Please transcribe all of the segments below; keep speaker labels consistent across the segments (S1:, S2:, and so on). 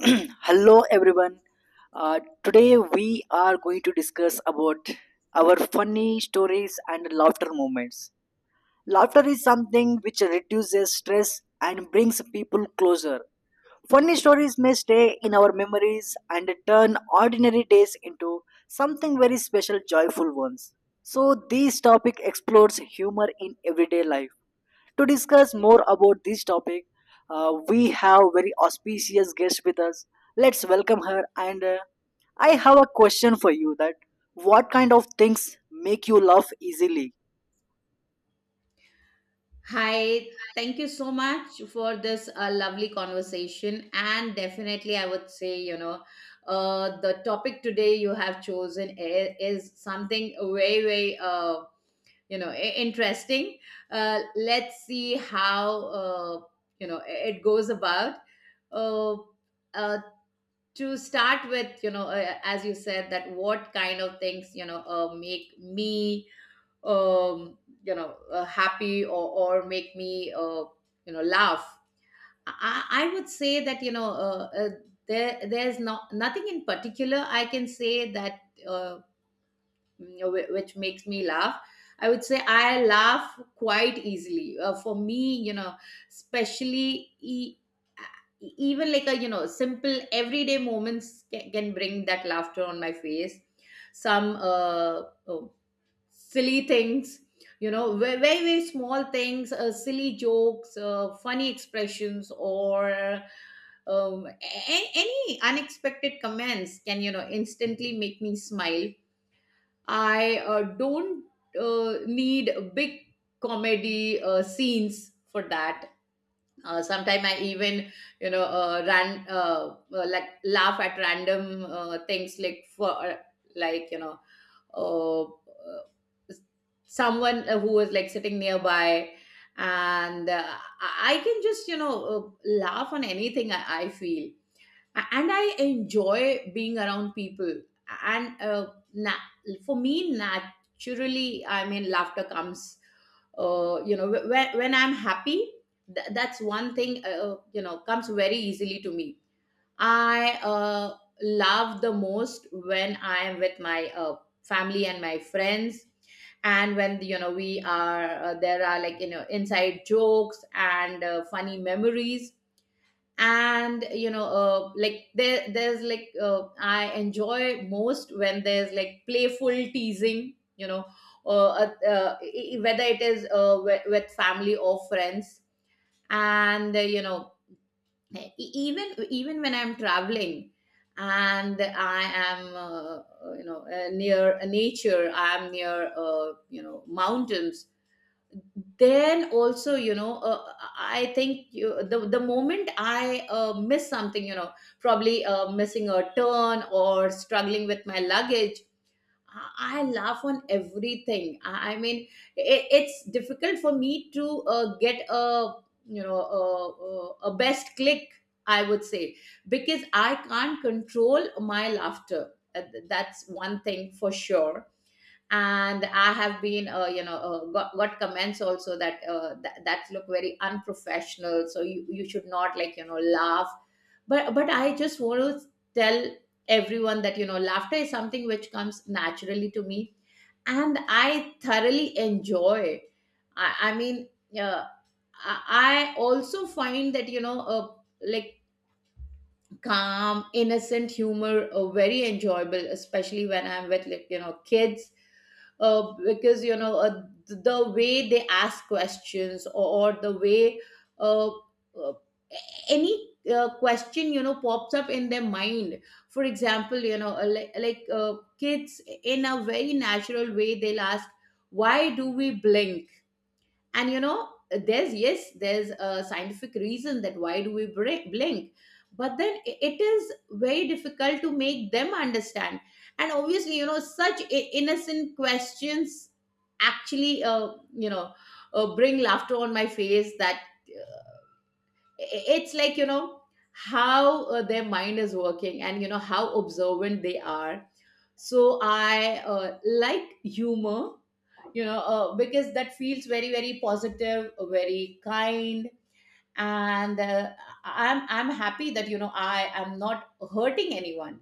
S1: Hello everyone. Today we are going to discuss about our funny stories and laughter moments. Laughter is something which reduces stress and brings people closer. Funny stories may stay in our memories and turn ordinary days into something very special joyful ones. So this topic explores humor in everyday life. To discuss more about this topic, we have very auspicious guest with us. Let's welcome her. And I have a question for you: that what kind of things make you laugh easily?
S2: Hi, thank you so much for this lovely conversation. And definitely, I would say, the topic today you have chosen is something very, very, interesting. Let's see how, it goes about. Uh, uh, to start with, as you said, that what kind of things, make me um, happy or make me laugh. I would say that there's not nothing in particular I can say that uh, which makes me laugh. I would say I laugh quite easily, for me, especially even like a, simple everyday moments can bring that laughter on my face. Some silly things, very very small things, silly jokes, funny expressions, or any unexpected comments can, instantly make me smile. I don't need big comedy scenes for that. Sometime I even, you know ran like laugh at random things, like, for, like, uh, uh, someone who was like sitting nearby. And I can just, laugh on anything, I feel. And I enjoy being around people. And na- for me naturally, I mean, laughter comes, when I'm happy. That's one thing, comes very easily to me. I love the most when I am with my family and my friends. And when, we are, there are, like, inside jokes and funny memories. And, like, there's like, I enjoy most when there's like playful teasing, whether it is with family or friends. And, e- e, even even when I'm traveling and I am, near nature, I'm near, mountains. Then also, I think, you, the moment I miss something, probably missing a turn or struggling with my luggage, I laugh on everything. I mean, it's difficult for me to get a, you know a, a a best click, I would say, because I can't control my laughter. That's one thing for sure. And I have been, got comments also that, that look very unprofessional, so you should not, like, laugh. But I just want to tell everyone that, laughter is something which comes naturally to me, and I thoroughly enjoy it. I mean, uh, i I also find that, like, calm, innocent humor, very enjoyable, especially when I'm with, like, kids, because, the way they ask questions, or the way, uh, uh, any question, pops up in their mind. For example, like, kids in a very natural way, they'll ask, "Why do we blink?" And, there's, yes, there's a scientific reason that why do we blink. But then I- it is very difficult to make them understand. And obviously, such innocent questions actually, you know bring laughter on my face. That, it's like, how their mind is working and, how observant they are. So I like humor, because that feels very very positive, very kind. And I'm happy that, I am not hurting anyone.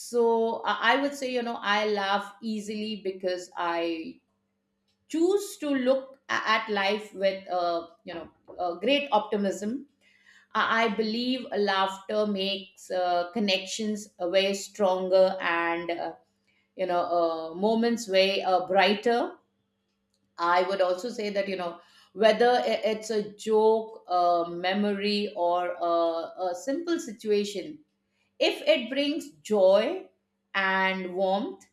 S2: So I would say, I laugh easily because I choose to look at life with, great optimism. I believe laughter makes connections way stronger and, moments way brighter. I would also say that, whether I- it's a joke, a memory, or a simple situation, if it brings joy and warmth,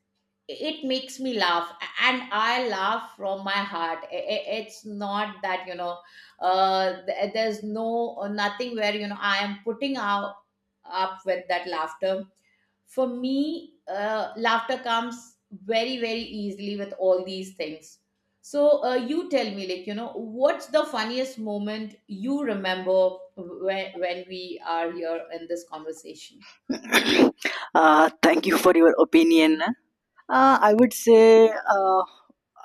S2: it makes me laugh. And I laugh from my heart. It's not that, there's no, nothing where, I am putting out up with that laughter. For me, laughter comes very very easily with all these things. So, you tell me, like, what's the funniest moment you remember when we are here in this conversation?
S1: Thank you for your opinion. I would say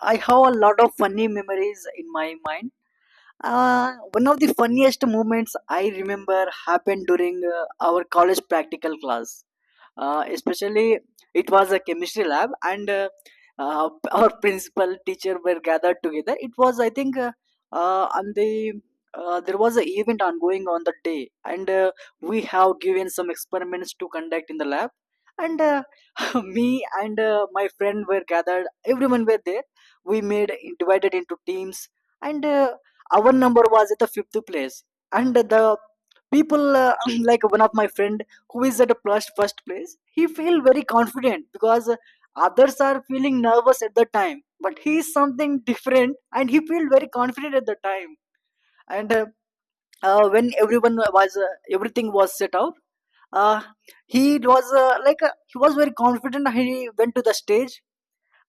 S1: I have a lot of funny memories in my mind. One of the funniest moments I remember happened during our college practical class. Especially, it was a chemistry lab, and our principal teacher were gathered together. It was, I think, on the, there was an event ongoing on the day, and we have given some experiments to conduct in the lab. And me and my friend were gathered. Everyone were there. We made divided into teams and our number was at the fifth place, and the people like one of my friend who is at the first place he feel very confident because others are feeling nervous at the time, but he is something different and he feel very confident at the time. And when everyone was, everything was set out. uh, he was, he was very confident, he went to the stage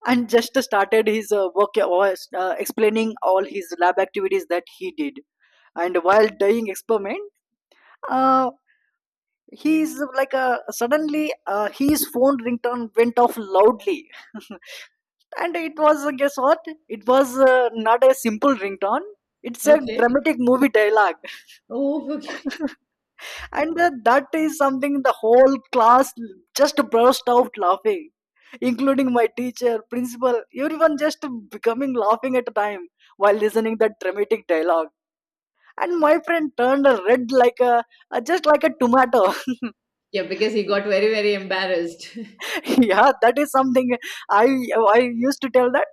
S1: and just started his work, explaining all his lab activities that he did. And while dying experiment, uh, he is like a suddenly his phone ringtone went off loudly. And it was, guess what, it was not a simple ringtone, it's a
S2: Okay.
S1: dramatic movie dialogue.
S2: Oh, okay.
S1: And that is something, the whole class just burst out laughing, including my teacher principal. Everyone just becoming laughing at a time while listening that dramatic dialogue. And my friend turned a red like a, just like a tomato.
S2: Yeah, because he got very, very embarrassed.
S1: Yeah, that is something. I i used to tell that,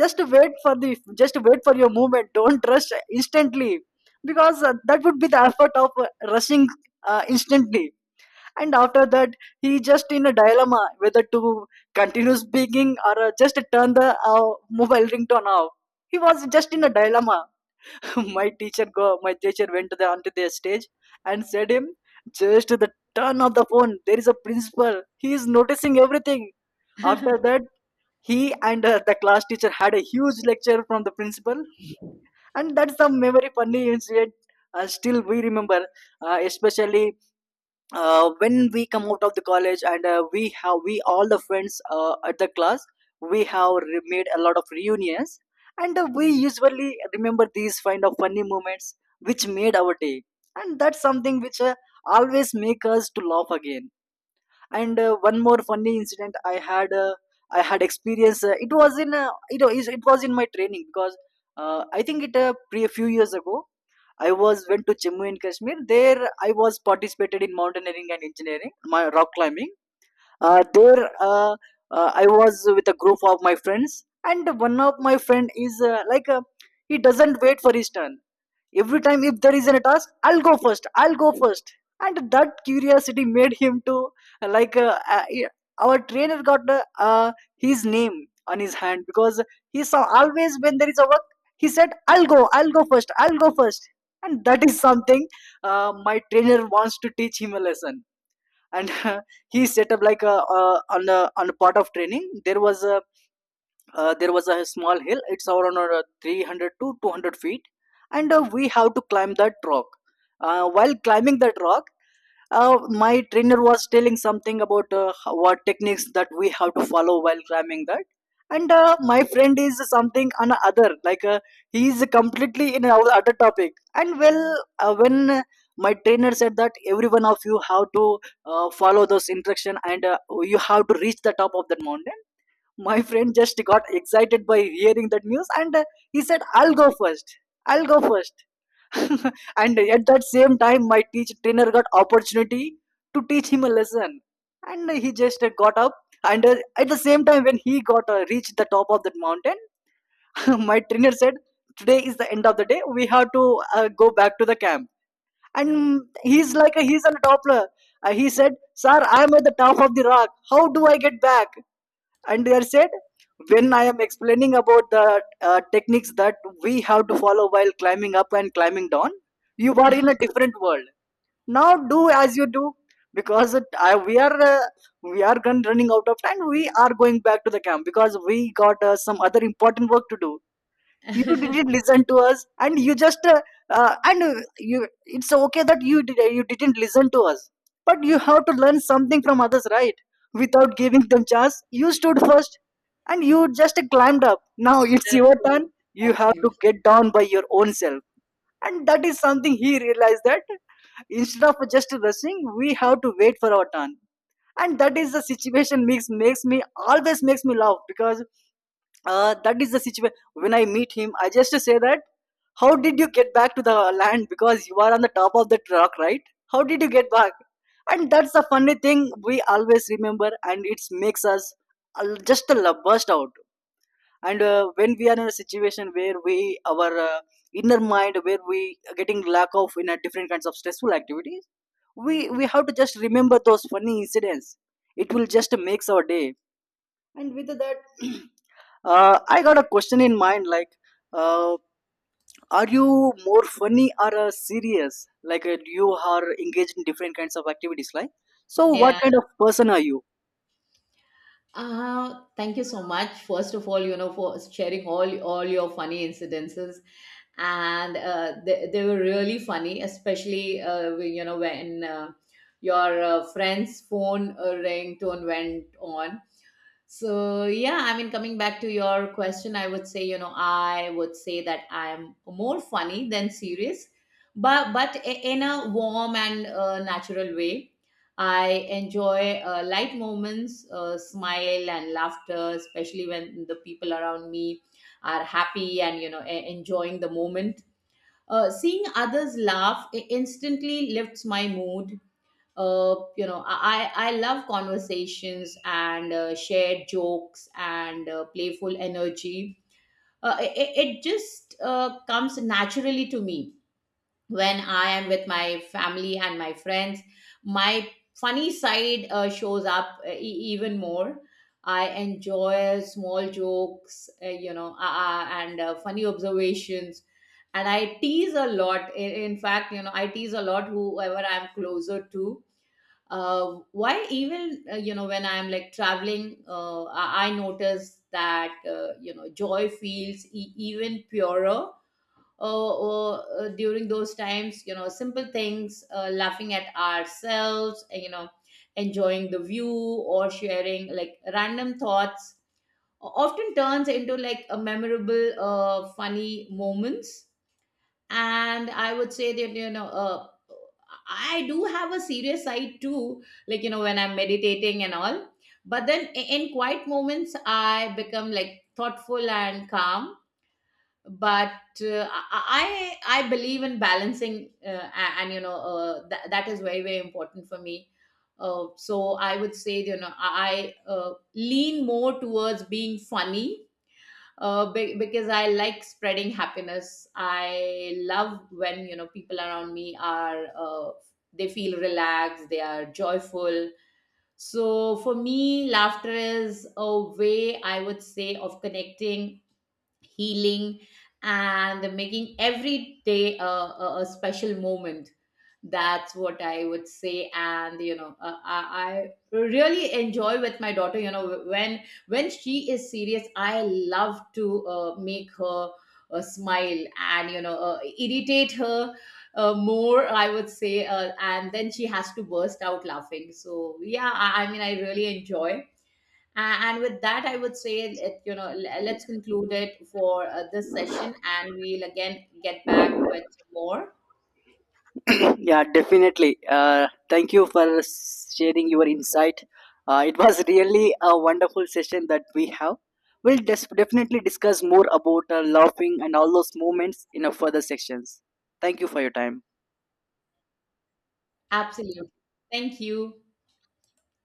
S1: just wait for the, just wait for your movement, don't rush instantly, because that would be the effort of rushing instantly. And after that, he just in a dilemma whether to continue speaking or just turn the mobile ringtone off. He was just in a dilemma. My teacher went to the onto the stage and said him, just the, turn of the phone, there is a principal, he is noticing everything. After that, he and the class teacher had a huge lecture from the principal. And that's the memory funny incident, still we remember, especially when we come out of the college, and we all the friends at the class we have made a lot of reunions. And we usually remember these kind of funny moments which made our day. And that's something which always make us to laugh again. And one more funny incident I had experience. It was in, it was in my training because I think it pre a few years ago I was went to Jammu and Kashmir. There, I was participated in mountaineering and engineering, my rock climbing. There, I was with a group of my friends, and one of my friend is, he doesn't wait for his turn. Every time if there is a task, I'll go first, I'll go first. And that curiosity made him to, yeah, our trainer got, his name on his hand, because he saw always when there is a work he said, I'll go, I'll go first, I'll go first. And that is something, my trainer wants to teach him a lesson. And he set up like a, on a on a part of training, there was a, there was a small hill, it's around 300 to 200 feet. And we have to climb that rock. While climbing that rock, my trainer was telling something about what techniques that we have to follow while climbing that. And my friend is something on other, he is completely in our other topic and well, when my trainer said that every one of you have to follow those instruction, and you have to reach the top of that mountain. My friend just got excited by hearing that news, and he said, "I'll go first. I'll go first." And at that same time, my teacher trainer got opportunity to teach him a lesson. And he just got up. And at the same time, when he got reached the top of that mountain, my trainer said, today is the end of the day. We have to go back to the camp. And he's like, he's on a toppler. He said, sir, I'm at the top of the rock. How do I get back? And they are said, when I am explaining about the techniques that we have to follow while climbing up and climbing down, you are in a different world. Now do as you do, because it, I, we are gun running out of time, we are going back to the camp because we got some other important work to do. You
S2: Absolutely.
S1: didn't listen to us, and you just and you it's okay that you didn't listen to us, but you have to learn something from others, right? Without giving them chance, you stood first, and you just climbed up. Now it's your turn, you have to
S2: Absolutely.
S1: get down by your own self. And that is something he realized, that instead of just rushing, we have to wait for our turn. And that is the situation makes me, always makes me laugh, because that is the situation when I meet him, I just say that, how did you get back to the land? Because you are on the top of the rock, right? How did you get back? And that's the funny thing we always remember, and it makes us burst out. And when we are in a situation where we our inner mind, where we are getting lack of in a different kinds of stressful activities, we have to just remember those funny incidents, it will just makes our day. And with that I got a question in mind like, uh, are you more funny or serious? Like, you are engaged in different kinds of activities, like. So, what
S2: Yeah.
S1: kind of person are you?
S2: Thank you so much. First of all, for sharing all your funny incidences, and they were really funny, especially when, when your friend's phone ringtone went on. So yeah, I mean, coming back to your question, I would say, I would say that I'm more funny than serious, but in a warm and natural way. I enjoy light moments, smile and laughter, especially when the people around me are happy and, enjoying the moment. Seeing others laugh instantly lifts my mood. You know, I love conversations and shared jokes and playful energy. It just comes naturally to me when I am with my family and my friends. My funny side shows up, even more. I enjoy small jokes, you know, and funny observations. And I tease a lot. In fact, I tease a lot whoever I'm closer to. Why even, when I'm like traveling, I notice that, joy feels even purer during those times. You know, simple things, laughing at ourselves, enjoying the view or sharing like random thoughts, often turns into like a memorable funny moments. And I would say that, I do have a serious side too, like, when I'm meditating and all. But then, in quiet moments, I become like thoughtful and calm. But uh, i i I believe in balancing, and, that is very very important for me. So I would say, I, lean more towards being funny, because I like spreading happiness. I love when, people around me are, they feel relaxed, they are joyful. So for me, laughter is a way, I would say, of connecting, healing, and making every day a special moment. That's what I would say. And, I really enjoy with my daughter, when she is serious. I love to make her smile and, irritate her more, I would say. And then she has to burst out laughing. So yeah, I mean, I really enjoy. And with that, I would say, it, you know, l- let's conclude it for this session, and we'll again get back with some more.
S1: Yeah, definitely. Thank you for sharing your insight. It was really a wonderful session that we have. Definitely discuss more about laughing and all those moments in a further sections. Thank you for your time.
S2: Absolutely. Thank you.